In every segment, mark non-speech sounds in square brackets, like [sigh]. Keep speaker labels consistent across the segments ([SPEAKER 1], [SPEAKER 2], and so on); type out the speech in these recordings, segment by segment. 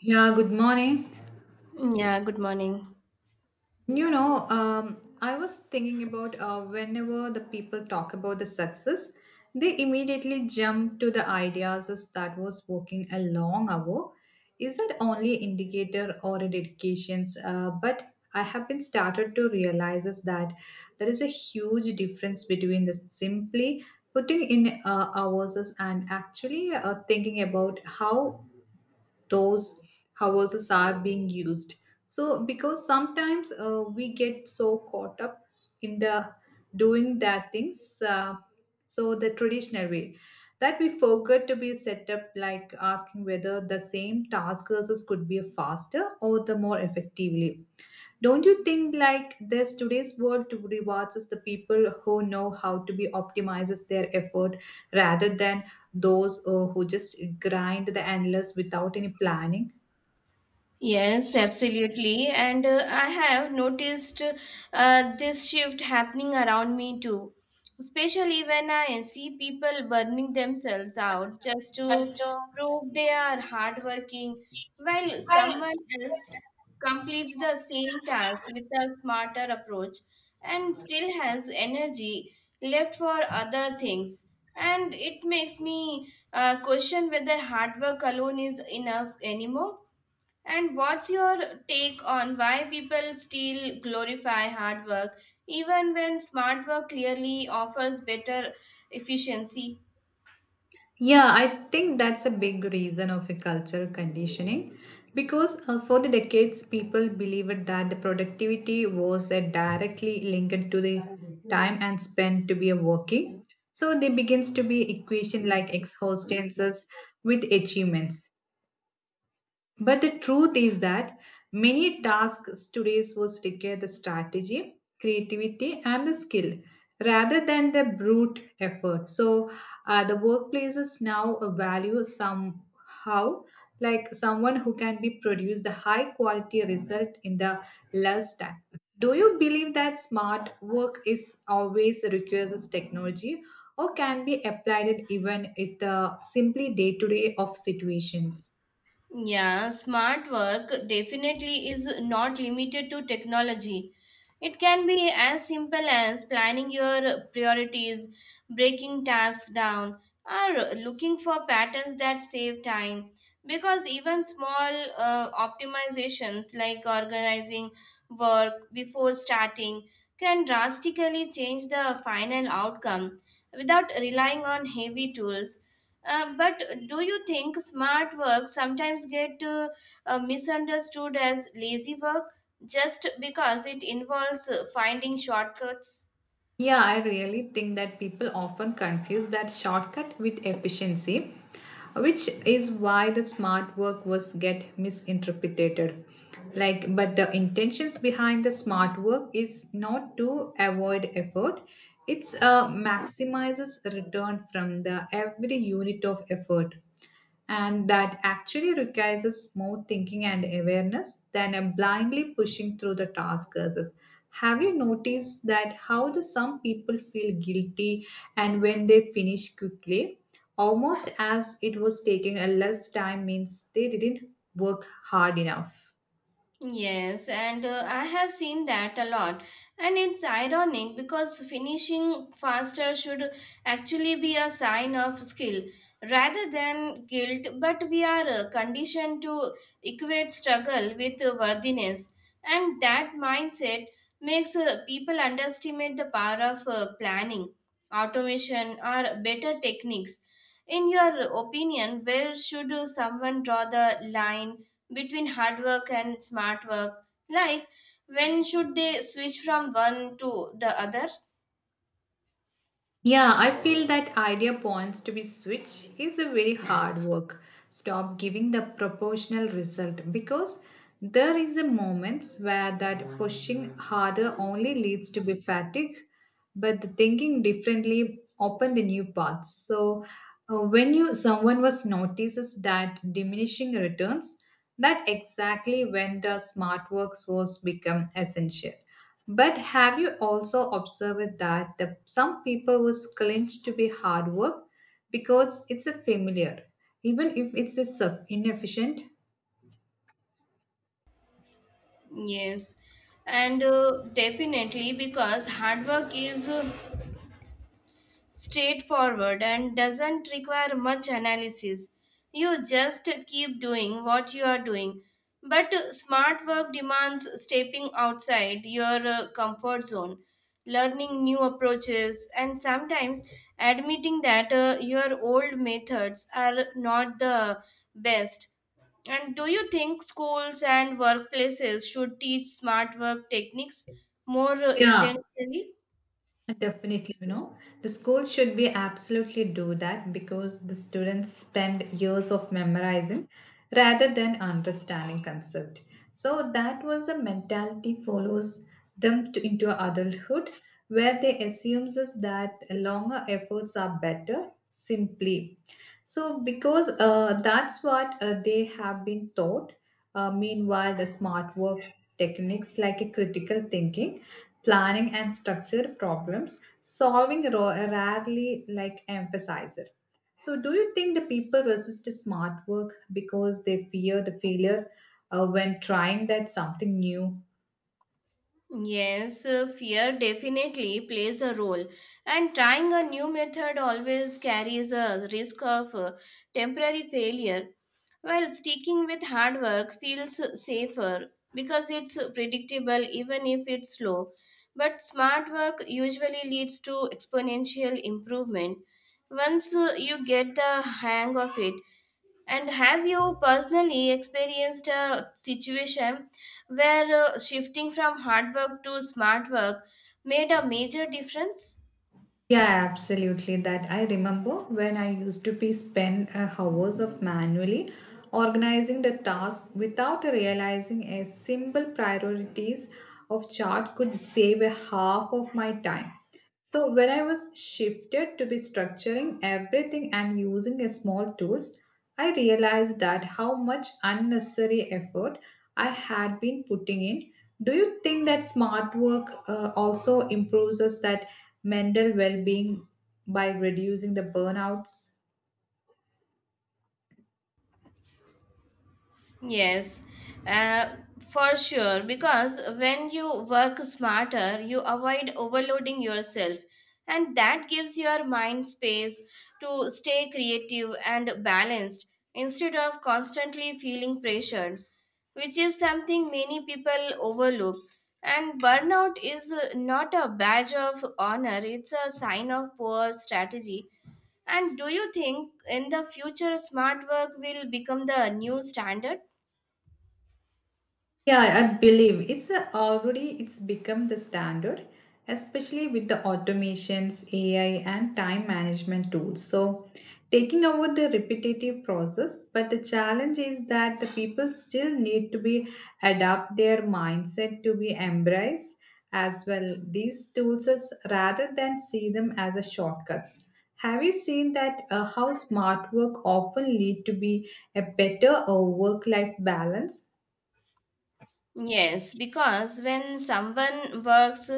[SPEAKER 1] Yeah, good morning.
[SPEAKER 2] Yeah, good morning.
[SPEAKER 1] I was thinking about whenever the people talk about the success, they immediately jump to the ideas as that was working a long hour. Is that only indicator or a dedications? But I have been started to realize is that there is a huge difference between the simply putting in hours and actually thinking about how those hours are being used, so because sometimes we get so caught up in the doing that things so the traditional way that we forget to be set up, like asking whether the same task process could be faster or the more effectively. Don't you think like this today's world to rewards us the people who know how to be optimizes their effort rather than those who just grind the endless without any planning?
[SPEAKER 2] Yes, absolutely. And I have noticed this shift happening around me too, especially when I see people burning themselves out just to prove they are hardworking, while someone else completes the same task with a smarter approach and still has energy left for other things. And it makes me question whether hard work alone is enough anymore. And what's your take on why people still glorify hard work even when smart work clearly offers better efficiency?
[SPEAKER 1] Yeah, I think that's a big reason of a cultural conditioning because for the decades people believed that the productivity was directly linked to the time and spent to be a working. So there begins to be equation like exhaustances with achievements. But the truth is that many tasks today was require the strategy, creativity, and the skill rather than the brute effort. So the workplaces now value somehow like someone who can be produce the high quality result in the less time. Do you believe that smart work is always requires technology or can be applied even if the simply day to day of situations?
[SPEAKER 2] Yeah, smart work definitely is not limited to technology. It can be as simple as planning your priorities, breaking tasks down, or looking for patterns that save time. Because even small optimizations like organizing work before starting can drastically change the final outcome without relying on heavy tools, but do you think smart work sometimes get misunderstood as lazy work just because it involves finding shortcuts?
[SPEAKER 1] Yeah, I really think that people often confuse that shortcut with efficiency, which is why the smart work was get misinterpreted. Like, but the intentions behind the smart work is not to avoid effort; it's maximizes return from the every unit of effort, and that actually requires a smooth thinking and awareness than a blindly pushing through the task curses. Have you noticed that how the some people feel guilty and when they finish quickly, almost as it was taking a less time means they didn't work hard enough.
[SPEAKER 2] Yes, and I have seen that a lot. And it's ironic because finishing faster should actually be a sign of skill rather than guilt, but we are conditioned to equate struggle with worthiness. And that mindset makes people underestimate the power of planning, automation, or better techniques. In your opinion, where should someone draw the line between hard work and smart work? Like, when should they switch from one to the other?
[SPEAKER 1] Yeah, I feel that idea points to be switched is a very hard work. Stop giving the proportional result because there is a moments where that pushing harder only leads to be fatigue, but the thinking differently open the new paths. So when you someone was notices that diminishing returns, that exactly when the smart works was become essential. But have you also observed that the, some people was clenched to be hard work because it's a familiar, even if it's a sub inefficient?
[SPEAKER 2] Yes, and definitely, because hard work is straightforward and doesn't require much analysis. You just keep doing what you are doing. But smart work demands stepping outside your comfort zone, learning new approaches, and sometimes admitting that your old methods are not the best. And do you think schools and workplaces should teach smart work techniques more
[SPEAKER 1] Yeah,
[SPEAKER 2] intentionally?
[SPEAKER 1] Uh, Definitely, you know, the school should be absolutely do that because the students spend years of memorizing rather than understanding concept. So that was a mentality follows them to, into adulthood where they assumes is that longer efforts are better simply so, because that's what they have been taught. Meanwhile, the smart work techniques like a critical thinking, planning, and structure problems solving rarely like emphasize it. So, do you think the people resist the smart work because they fear the failure when trying that something new?
[SPEAKER 2] Yes, fear definitely plays a role, and trying a new method always carries a risk of temporary failure, while sticking with hard work feels safer because it's predictable even if it's slow. But smart work usually leads to exponential improvement once you get the hang of it. And have you personally experienced a situation where shifting from hard work to smart work made a major difference?
[SPEAKER 1] Yeah, absolutely. That I remember when I used to be spend hours of manually organizing the task without realizing a simple priorities of chart could save a half of my time. So when I was shifted to be structuring everything and using a small tools, I realized that how much unnecessary effort I had been putting in. Do you think that smart work also improves us that mental well being by reducing the burnouts?
[SPEAKER 2] Yes, uh, for sure. Because when you work smarter, you avoid overloading yourself, and that gives your mind space to stay creative and balanced instead of constantly feeling pressured, which is something many people overlook. And burnout is not a badge of honor, it's a sign of poor strategy. And do you think in the future smart work will become the new standard?
[SPEAKER 1] Yeah, I believe already it's become the standard, especially with the automations, AI, and time management tools. So, taking over the repetitive process, but the challenge is that the people still need to be adapt their mindset to be embraced as well these tools as rather than see them as a shortcuts. Have you seen that how smart work often lead to be a better work-life balance?
[SPEAKER 2] Yes, because when someone works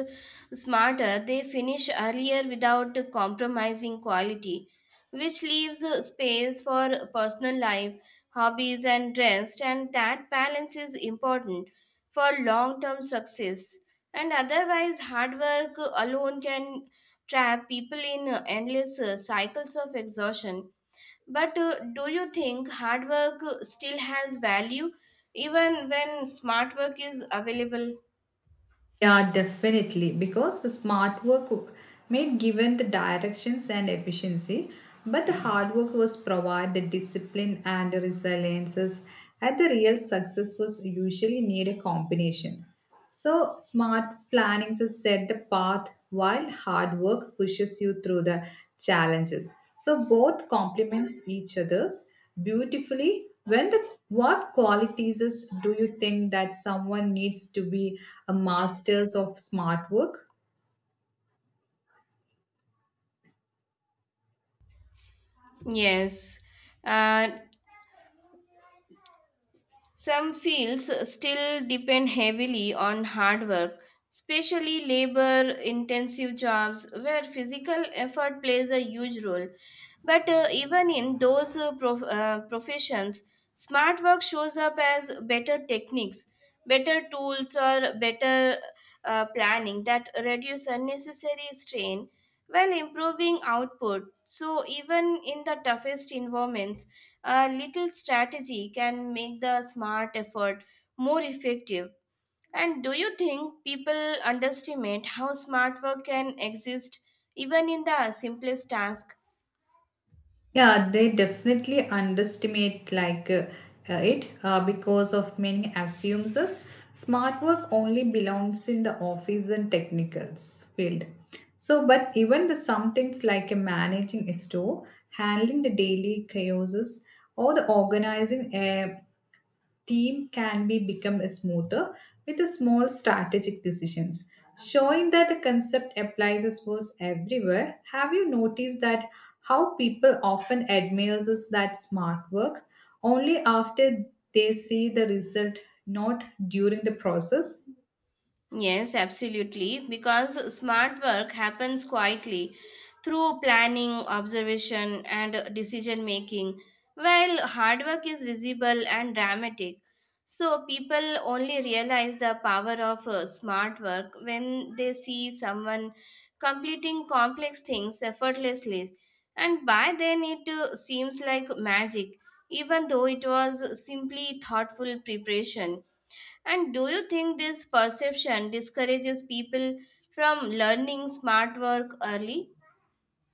[SPEAKER 2] smarter, they finish earlier without compromising quality, which leaves space for personal life, hobbies, and rest. And that balance is important for long term success. And otherwise, hard work alone can trap people in endless cycles of exhaustion, but do you think hard work still has value even when smart work is available?
[SPEAKER 1] Yeah, definitely. Because the smart work made given the directions and efficiency, but the hard work was provide the discipline and the resiliences. And the real success was usually need a combination. So smart planning to set the path while hard work pushes you through the challenges. So both complements each other's beautifully. When the what qualities is, do you think that someone needs to be a masters of smart work?
[SPEAKER 2] Yes. Uh, Some fields still depend heavily on hard work, especially labor intensive jobs where physical effort plays a huge role. But even in those professions, smart work shows up as better techniques, better tools, or better planning that reduce unnecessary strain, well, improving output. So, even in the toughest environments, a little strategy can make the smart effort more effective. And do you think people underestimate how smart work can exist even in the simplest task?
[SPEAKER 1] Yeah, they definitely underestimate, like it because of many assumes smart work only belongs in the office and technicals field, so but even the some things like managing a store, handling the daily chaoses, or the organizing a team can be become smoother with a small strategic decisions, showing that the concept applies as was everywhere. Have you noticed that how people often admires us that smart work only after they see the result, not during the process?
[SPEAKER 2] Yes, absolutely. Because smart work happens quietly through planning, observation, and decision making, while hard work is visible and dramatic. So, people only realize the power of smart work when they see someone completing complex things effortlessly. And by then, it seems like magic, even though it was simply thoughtful preparation. And do you think this perception discourages people from learning smart work early?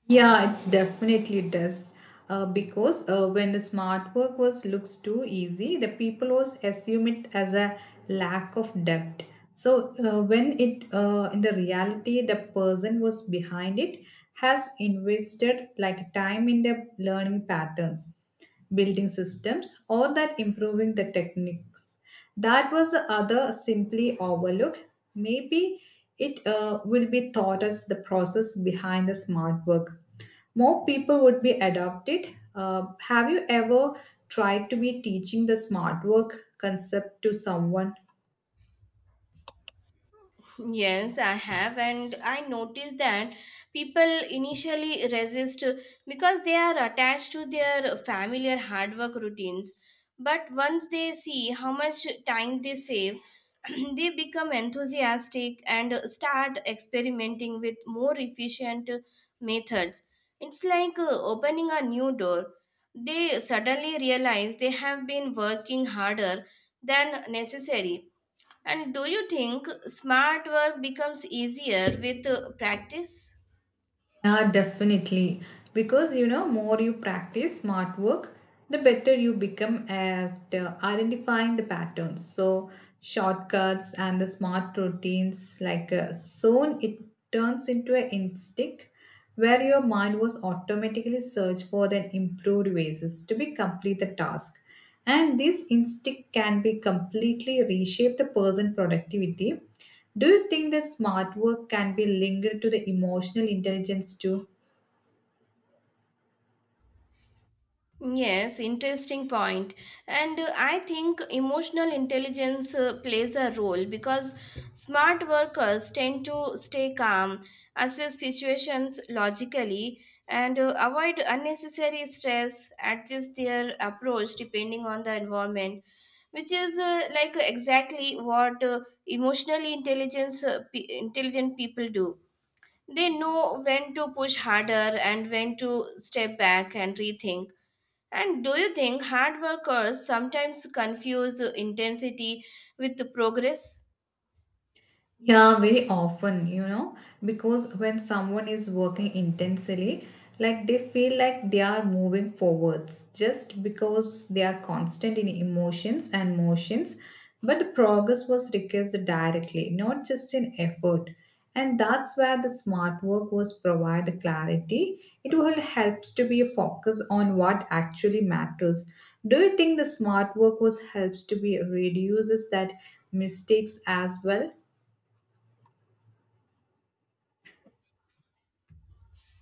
[SPEAKER 1] Yeah, it's definitely does. Because when the smart work was looks too easy, the people was assume it as a lack of depth. So when it in the reality, the person was behind it has invested like time in the learning patterns, building systems, or that improving the techniques that was the other simply overlooked. Maybe it will be thought as the process behind the smart work, more people would be adopted. Have you ever tried to be teaching the smart work concept to someone?
[SPEAKER 2] Yes, I have, and I noticed that people initially resist because they are attached to their familiar hard work routines. But once they see how much time they save, [clears throat] they become enthusiastic and start experimenting with more efficient methods. It's like opening a new door. They suddenly realize they have been working harder than necessary. And do you think smart work becomes easier with practice?
[SPEAKER 1] Yeah, definitely. Because you know, more you practice smart work, the better you become at identifying the patterns. So, shortcuts and the smart routines, like soon it turns into an instinct where your mind was automatically search for the improved ways to be complete the task. And this instinct can be completely reshape the person productivity. Do you think that smart work can be linked to the emotional intelligence too?
[SPEAKER 2] Yes, interesting point. And I think emotional intelligence plays a role because smart workers tend to stay calm, assess situations logically, and avoid unnecessary stress, adjust their approach depending on the environment, which is like exactly what emotionally intelligent people do. They know when to push harder and when to step back and rethink. And do you think hard workers sometimes confuse intensity with progress?
[SPEAKER 1] Yeah, very often, you know, because when someone is working intensely, like they feel like they are moving forwards just because they are constant in emotions and motions. But the progress was requested directly, not just in effort. And that's where the smart work was provide the clarity. It will helps to be a focus on what actually matters. Do you think the smart work was helps to be reduces that mistakes as well?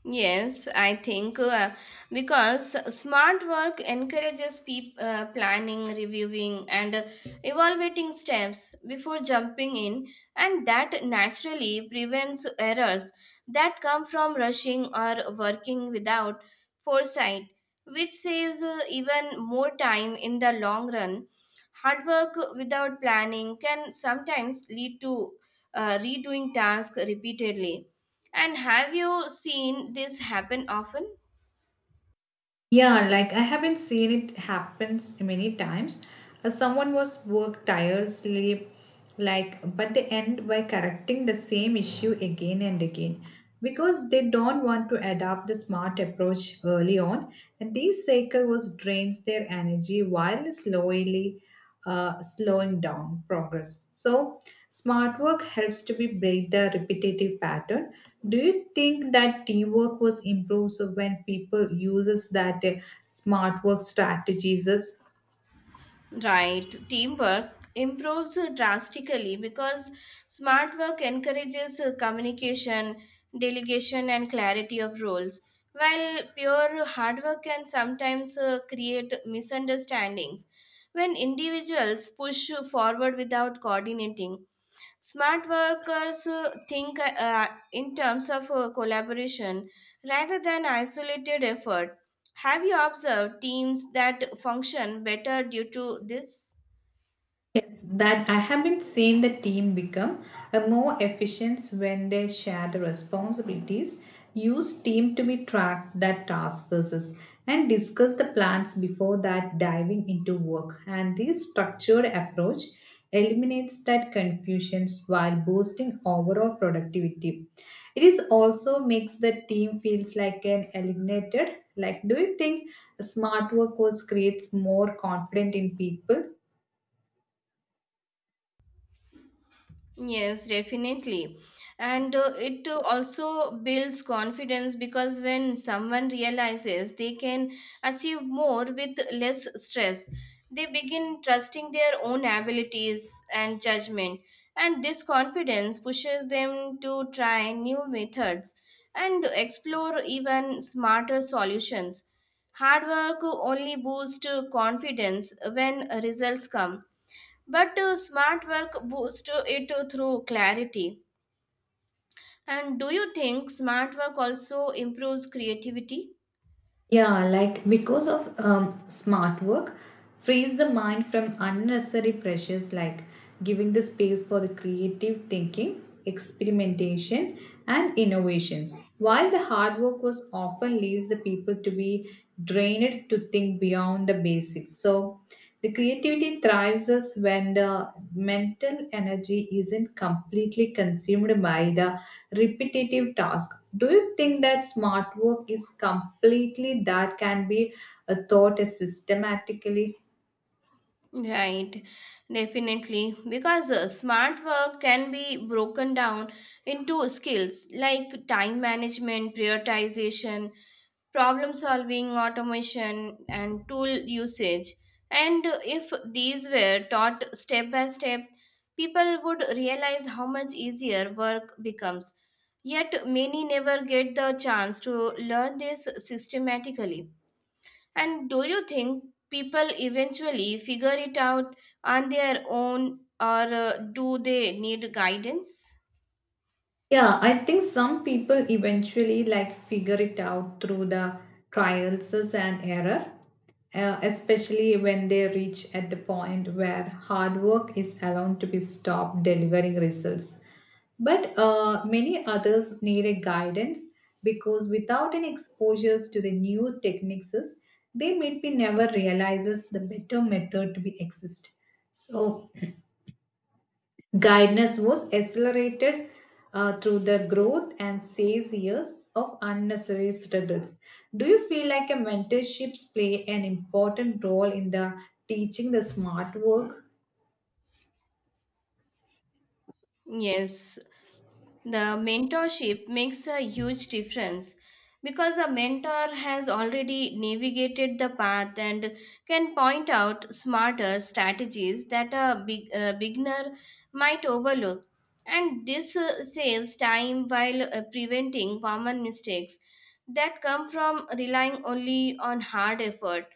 [SPEAKER 2] Yes, I think, because smart work encourages planning, reviewing, and evaluating steps before jumping in, and that naturally prevents errors that come from rushing or working without foresight, which saves even more time in the long run. Hard work without planning can sometimes lead to redoing tasks repeatedly. And have you seen this happen often?
[SPEAKER 1] Yeah, like I haven't seen it happens many times. Someone was work tirelessly, like, but they end by correcting the same issue again and again because they don't want to adopt the smart approach early on, and this cycle was drains their energy while slowly slowing down progress. So, smart work helps to be break the repetitive pattern. Do you think that teamwork was improved so when people uses that smart work strategies?
[SPEAKER 2] Right, teamwork improves drastically because smart work encourages communication, delegation, and clarity of roles, while pure hard work can sometimes create misunderstandings. When individuals push forward without coordinating, smart workers think in terms of collaboration rather than isolated effort. Have you observed teams that function better due to this?
[SPEAKER 1] Yes, that I haven't seen the team become a more efficient when they share the responsibilities, use team to be tracked that task versus and discuss the plans before that diving into work. And this structured approach eliminates that confusions while boosting overall productivity. It is also makes the team feels like an alienated. Like, do you think smart workforce creates more confidence in people?
[SPEAKER 2] Yes, definitely. And it also builds confidence because when someone realizes they can achieve more with less stress, they begin trusting their own abilities and judgment. And this confidence pushes them to try new methods and explore even smarter solutions. Hard work only boosts confidence when results come, but smart work boosts it through clarity. And do you think smart work also improves creativity?
[SPEAKER 1] Yeah, like because of smart work frees the mind from unnecessary pressures like giving the space for the creative thinking, experimentation, and innovations. While the hard work was often leaves the people to be drained to think beyond the basics. So the creativity thrives us when the mental energy isn't completely consumed by the repetitive task. Do you think that smart work is completely that can be thought systematically?
[SPEAKER 2] Right, definitely. Because smart work can be broken down into skills like time management, prioritization, problem solving, automation, and tool usage. And if these were taught step by step, people would realize how much easier work becomes. Yet, many never get the chance to learn this systematically. And do you think people eventually figure it out on their own, or do they need guidance?
[SPEAKER 1] Yeah, I think some people eventually like figure it out through the trials and error, especially when they reach at the point where hard work is allowed to be stopped delivering results. But many others need a guidance because without any exposures to the new techniques, they maybe never realizes the better method to be exist. So guidance was accelerated through the growth and saves years of unnecessary struggles. Do you feel like a mentorships play an important role in the teaching the smart work?
[SPEAKER 2] Yes, the mentorship makes a huge difference because a mentor has already navigated the path and can point out smarter strategies that a beginner might overlook. And this saves time while preventing common mistakes that come from relying only on hard effort.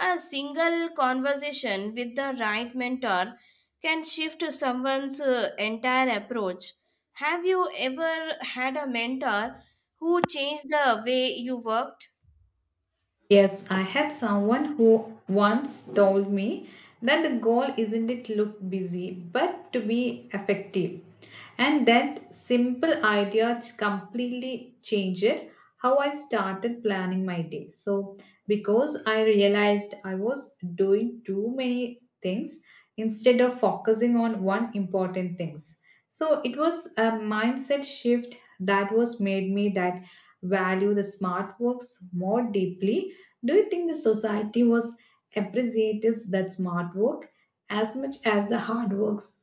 [SPEAKER 2] A single conversation with the right mentor can shift someone's entire approach. Have you ever had a mentor who changed the way you worked?
[SPEAKER 1] Yes, I had someone who once told me that the goal isn't it look busy, but to be effective. And that simple idea completely changed how I started planning my day. So, because I realized I was doing too many things instead of focusing on one important things. So, it was a mindset shift that was made me that value the smart works more deeply. Do you think the society was appreciates that smart work as much as the hard works?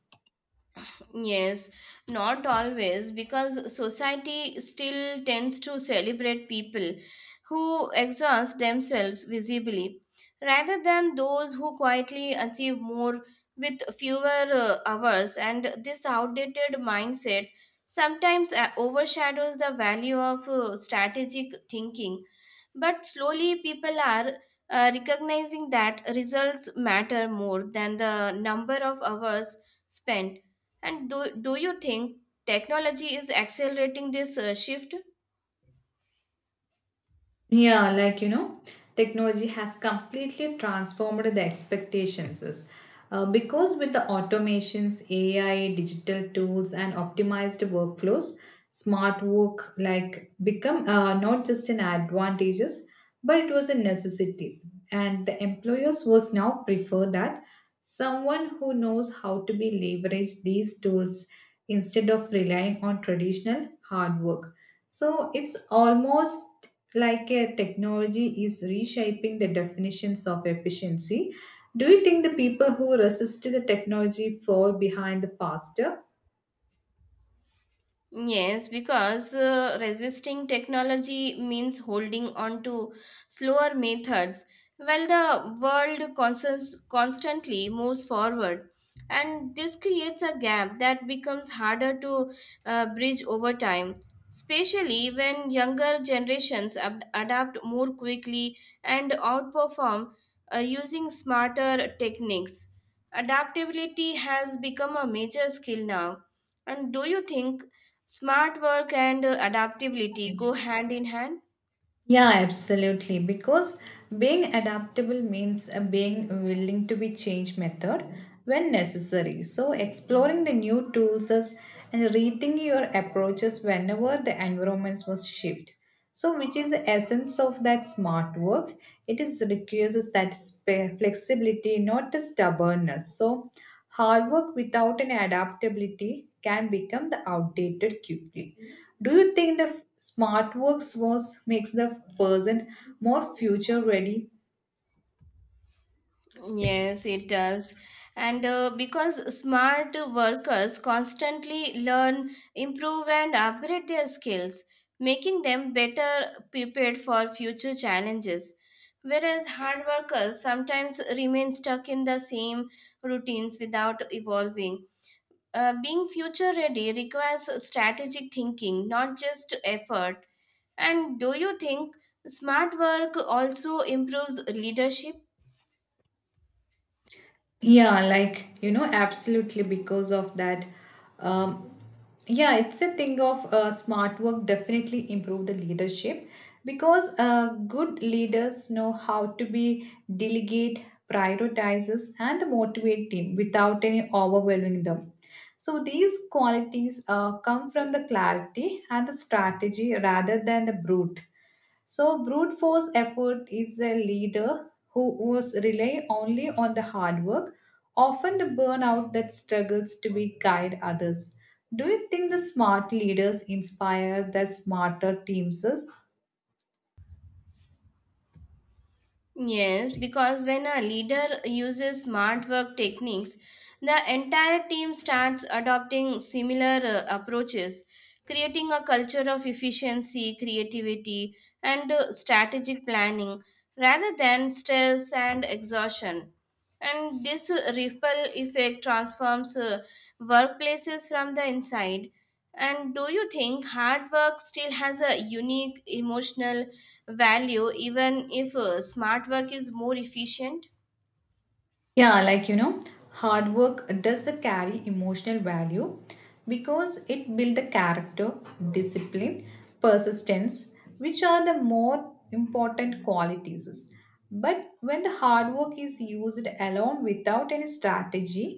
[SPEAKER 2] Yes, not always, because society still tends to celebrate people who exhaust themselves visibly rather than those who quietly achieve more with fewer hours. And this outdated mindset sometimes overshadows the value of strategic thinking. But slowly, people are recognizing that results matter more than the number of hours spent. And do you think technology is accelerating this shift?
[SPEAKER 1] Yeah, like you know, technology has completely transformed the expectations. Because with the automations, AI, digital tools, and optimized workflows, smart work like become not just an advantages, but it was a necessity. And the employers was now prefer that someone who knows how to be leverage these tools instead of relying on traditional hard work. So it's almost like a technology is reshaping the definitions of efficiency. Do you think the people who resist the technology fall behind the faster?
[SPEAKER 2] Yes, because resisting technology means holding on to slower methods while the world constantly moves forward. And this creates a gap that becomes harder to bridge over time, especially when younger generations adapt more quickly and outperform using smarter techniques. Adaptability has become a major skill now. And do you think smart work and adaptability go hand in hand?
[SPEAKER 1] Yeah, absolutely. Because being adaptable means being willing to be change method when necessary. So exploring the new tools and rethinking your approaches whenever the environments was shift. So which is the essence of that smart work. It is requires that flexibility, not the stubbornness. So hard work without an adaptability can become the outdated quickly. Do you think the Smart works was makes the person more future ready?
[SPEAKER 2] Yes, it does. And Because smart workers constantly learn, improve, and upgrade their skills, making them better prepared for future challenges. Whereas hard workers sometimes remain stuck in the same routines without evolving. Being future ready requires strategic thinking, not just effort. And do you think smart work also improves leadership?
[SPEAKER 1] Yeah, like you know, absolutely because of that. Um, yeah, it's a thing of smart work definitely improve the leadership because good leaders know how to be delegate, prioritizes, and motivate team without any overwhelming them. So these qualities come from the clarity and the strategy rather than the brute. So brute force effort is a leader who was rely only on the hard work, often the burnout that struggles to be guide others. Do you think the smart leaders inspire the smarter teams?
[SPEAKER 2] Yes, because when a leader uses smart work techniques, the entire team starts adopting similar approaches, creating a culture of efficiency, creativity, and strategic planning rather than stress and exhaustion. And this ripple effect transforms workplaces from the inside. And do you think hard work still has a unique emotional value even if smart work is more efficient?
[SPEAKER 1] Yeah, like you know, hard work does carry emotional value because it builds the character, discipline, persistence, which are the more important qualities. But when the hard work is used alone without any strategy,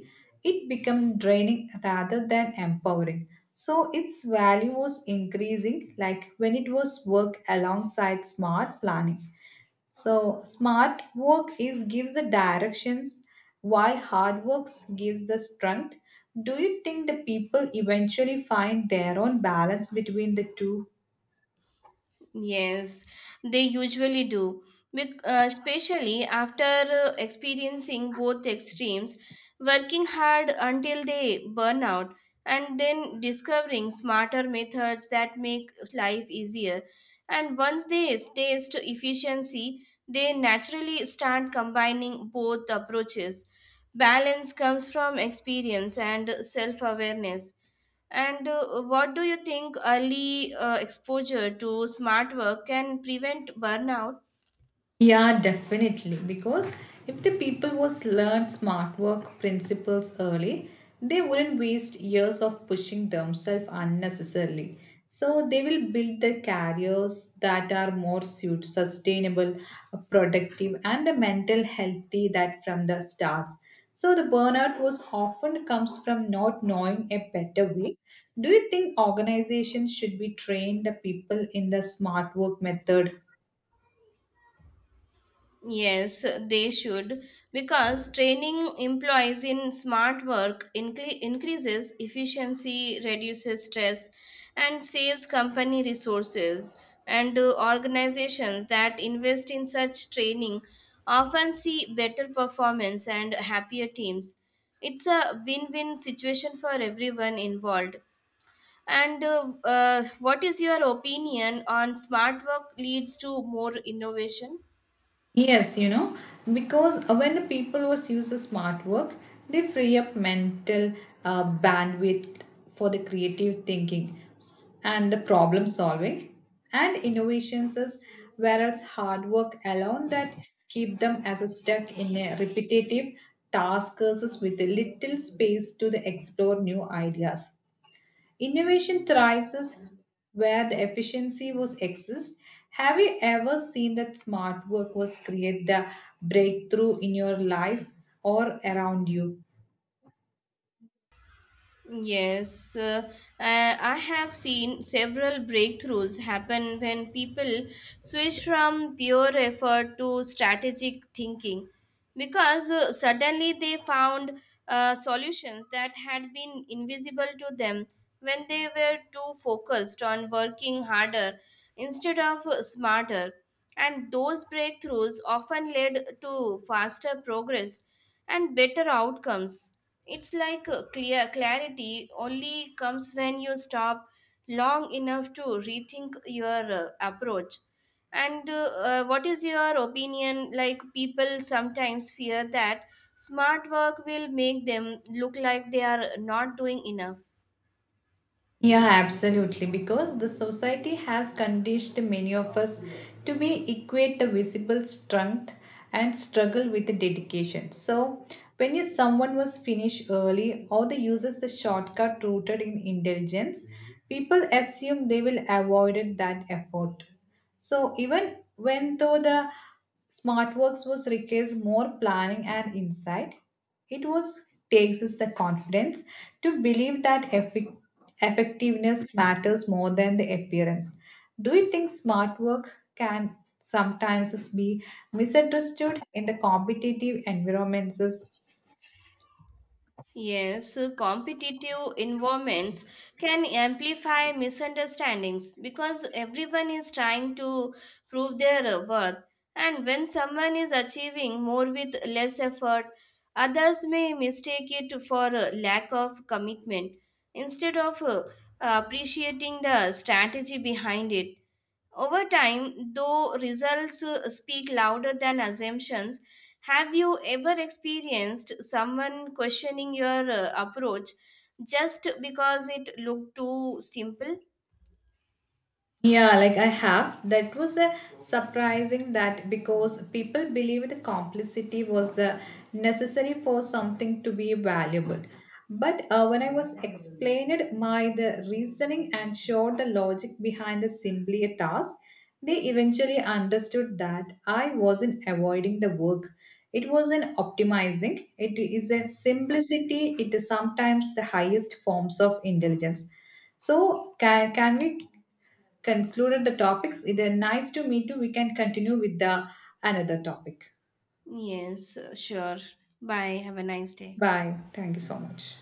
[SPEAKER 1] it becomes draining rather than empowering. So its value was increasing like when it was work alongside smart planning. So smart work is gives the directions, while hard work gives the strength. Do you think the people eventually find their own balance between the two?
[SPEAKER 2] Yes, they usually do, especially after experiencing both extremes, working hard until they burn out, and then discovering smarter methods that make life easier. And once they taste efficiency, they naturally start combining both approaches. Balance comes from experience and self awareness. And what do you think? Early exposure to smart work can prevent burnout?
[SPEAKER 1] Yeah, definitely. Because if the people was learn smart work principles early, they wouldn't waste years of pushing themselves unnecessarily. So they will build their careers that are more sustainable, productive, and the mental healthy that from the starts. So the burnout was often comes from not knowing a better way. Do you think organizations should be trained the people in the smart work method?
[SPEAKER 2] Yes, they should, because training employees in smart work increases efficiency, reduces stress, and saves company resources. And organizations that invest in such training often see better performance and happier teams. It's a win win situation for everyone involved. And What is your opinion on smart work leads to more innovation?
[SPEAKER 1] Yes, you know, because when the people was use the smart work, they free up mental bandwidth for the creative thinking and the problem solving and innovations is whereas hard work alone that keep them as a stuck in a repetitive tasks with a little space to the explore new ideas. Innovation thrives is where the efficiency was exist. Have you ever seen that smart work was create the breakthrough in your life or around you?
[SPEAKER 2] Yes, I have seen several breakthroughs happen when people switch from pure effort to strategic thinking. Because suddenly they found solutions that had been invisible to them when they were too focused on working harder instead of smarter. And those breakthroughs often led to faster progress and better outcomes. It's like clear clarity only comes when you stop long enough to rethink your approach. And What is your opinion? Like, people sometimes fear that smart work will make them look like they are not doing enough.
[SPEAKER 1] Yeah, absolutely. Because the society has conditioned many of us to be equate the visible strength and struggle with the dedication. So when you, someone was finished early or they uses the shortcut rooted in intelligence, people assume they will avoided that effort. So even when though the SmartWorks was requires more planning and insight, it was takes us the confidence to believe that effic effectiveness matters more than the appearance. Do you think smart work can sometimes be misunderstood in the competitive environments?
[SPEAKER 2] Yes, competitive environments can amplify misunderstandings because everyone is trying to prove their worth. And when someone is achieving more with less effort, others may mistake it for a lack of commitment instead of appreciating the strategy behind it. Over time, though, results speak louder than assumptions. Have you ever experienced someone questioning your approach just because it looked too simple?
[SPEAKER 1] Yeah, like I have. That was surprising that because people believe the complicity was necessary for something to be valuable. But when I was explained my the reasoning and showed the logic behind the simply a task, they eventually understood that I wasn't avoiding the work. It wasn't optimizing. It is a simplicity. It is sometimes the highest forms of intelligence. So can we concluded the topics. It is nice to meet you. We can continue with the another topic.
[SPEAKER 2] Yes, sure. Bye. Have a nice day.
[SPEAKER 1] Bye. Thank you so much.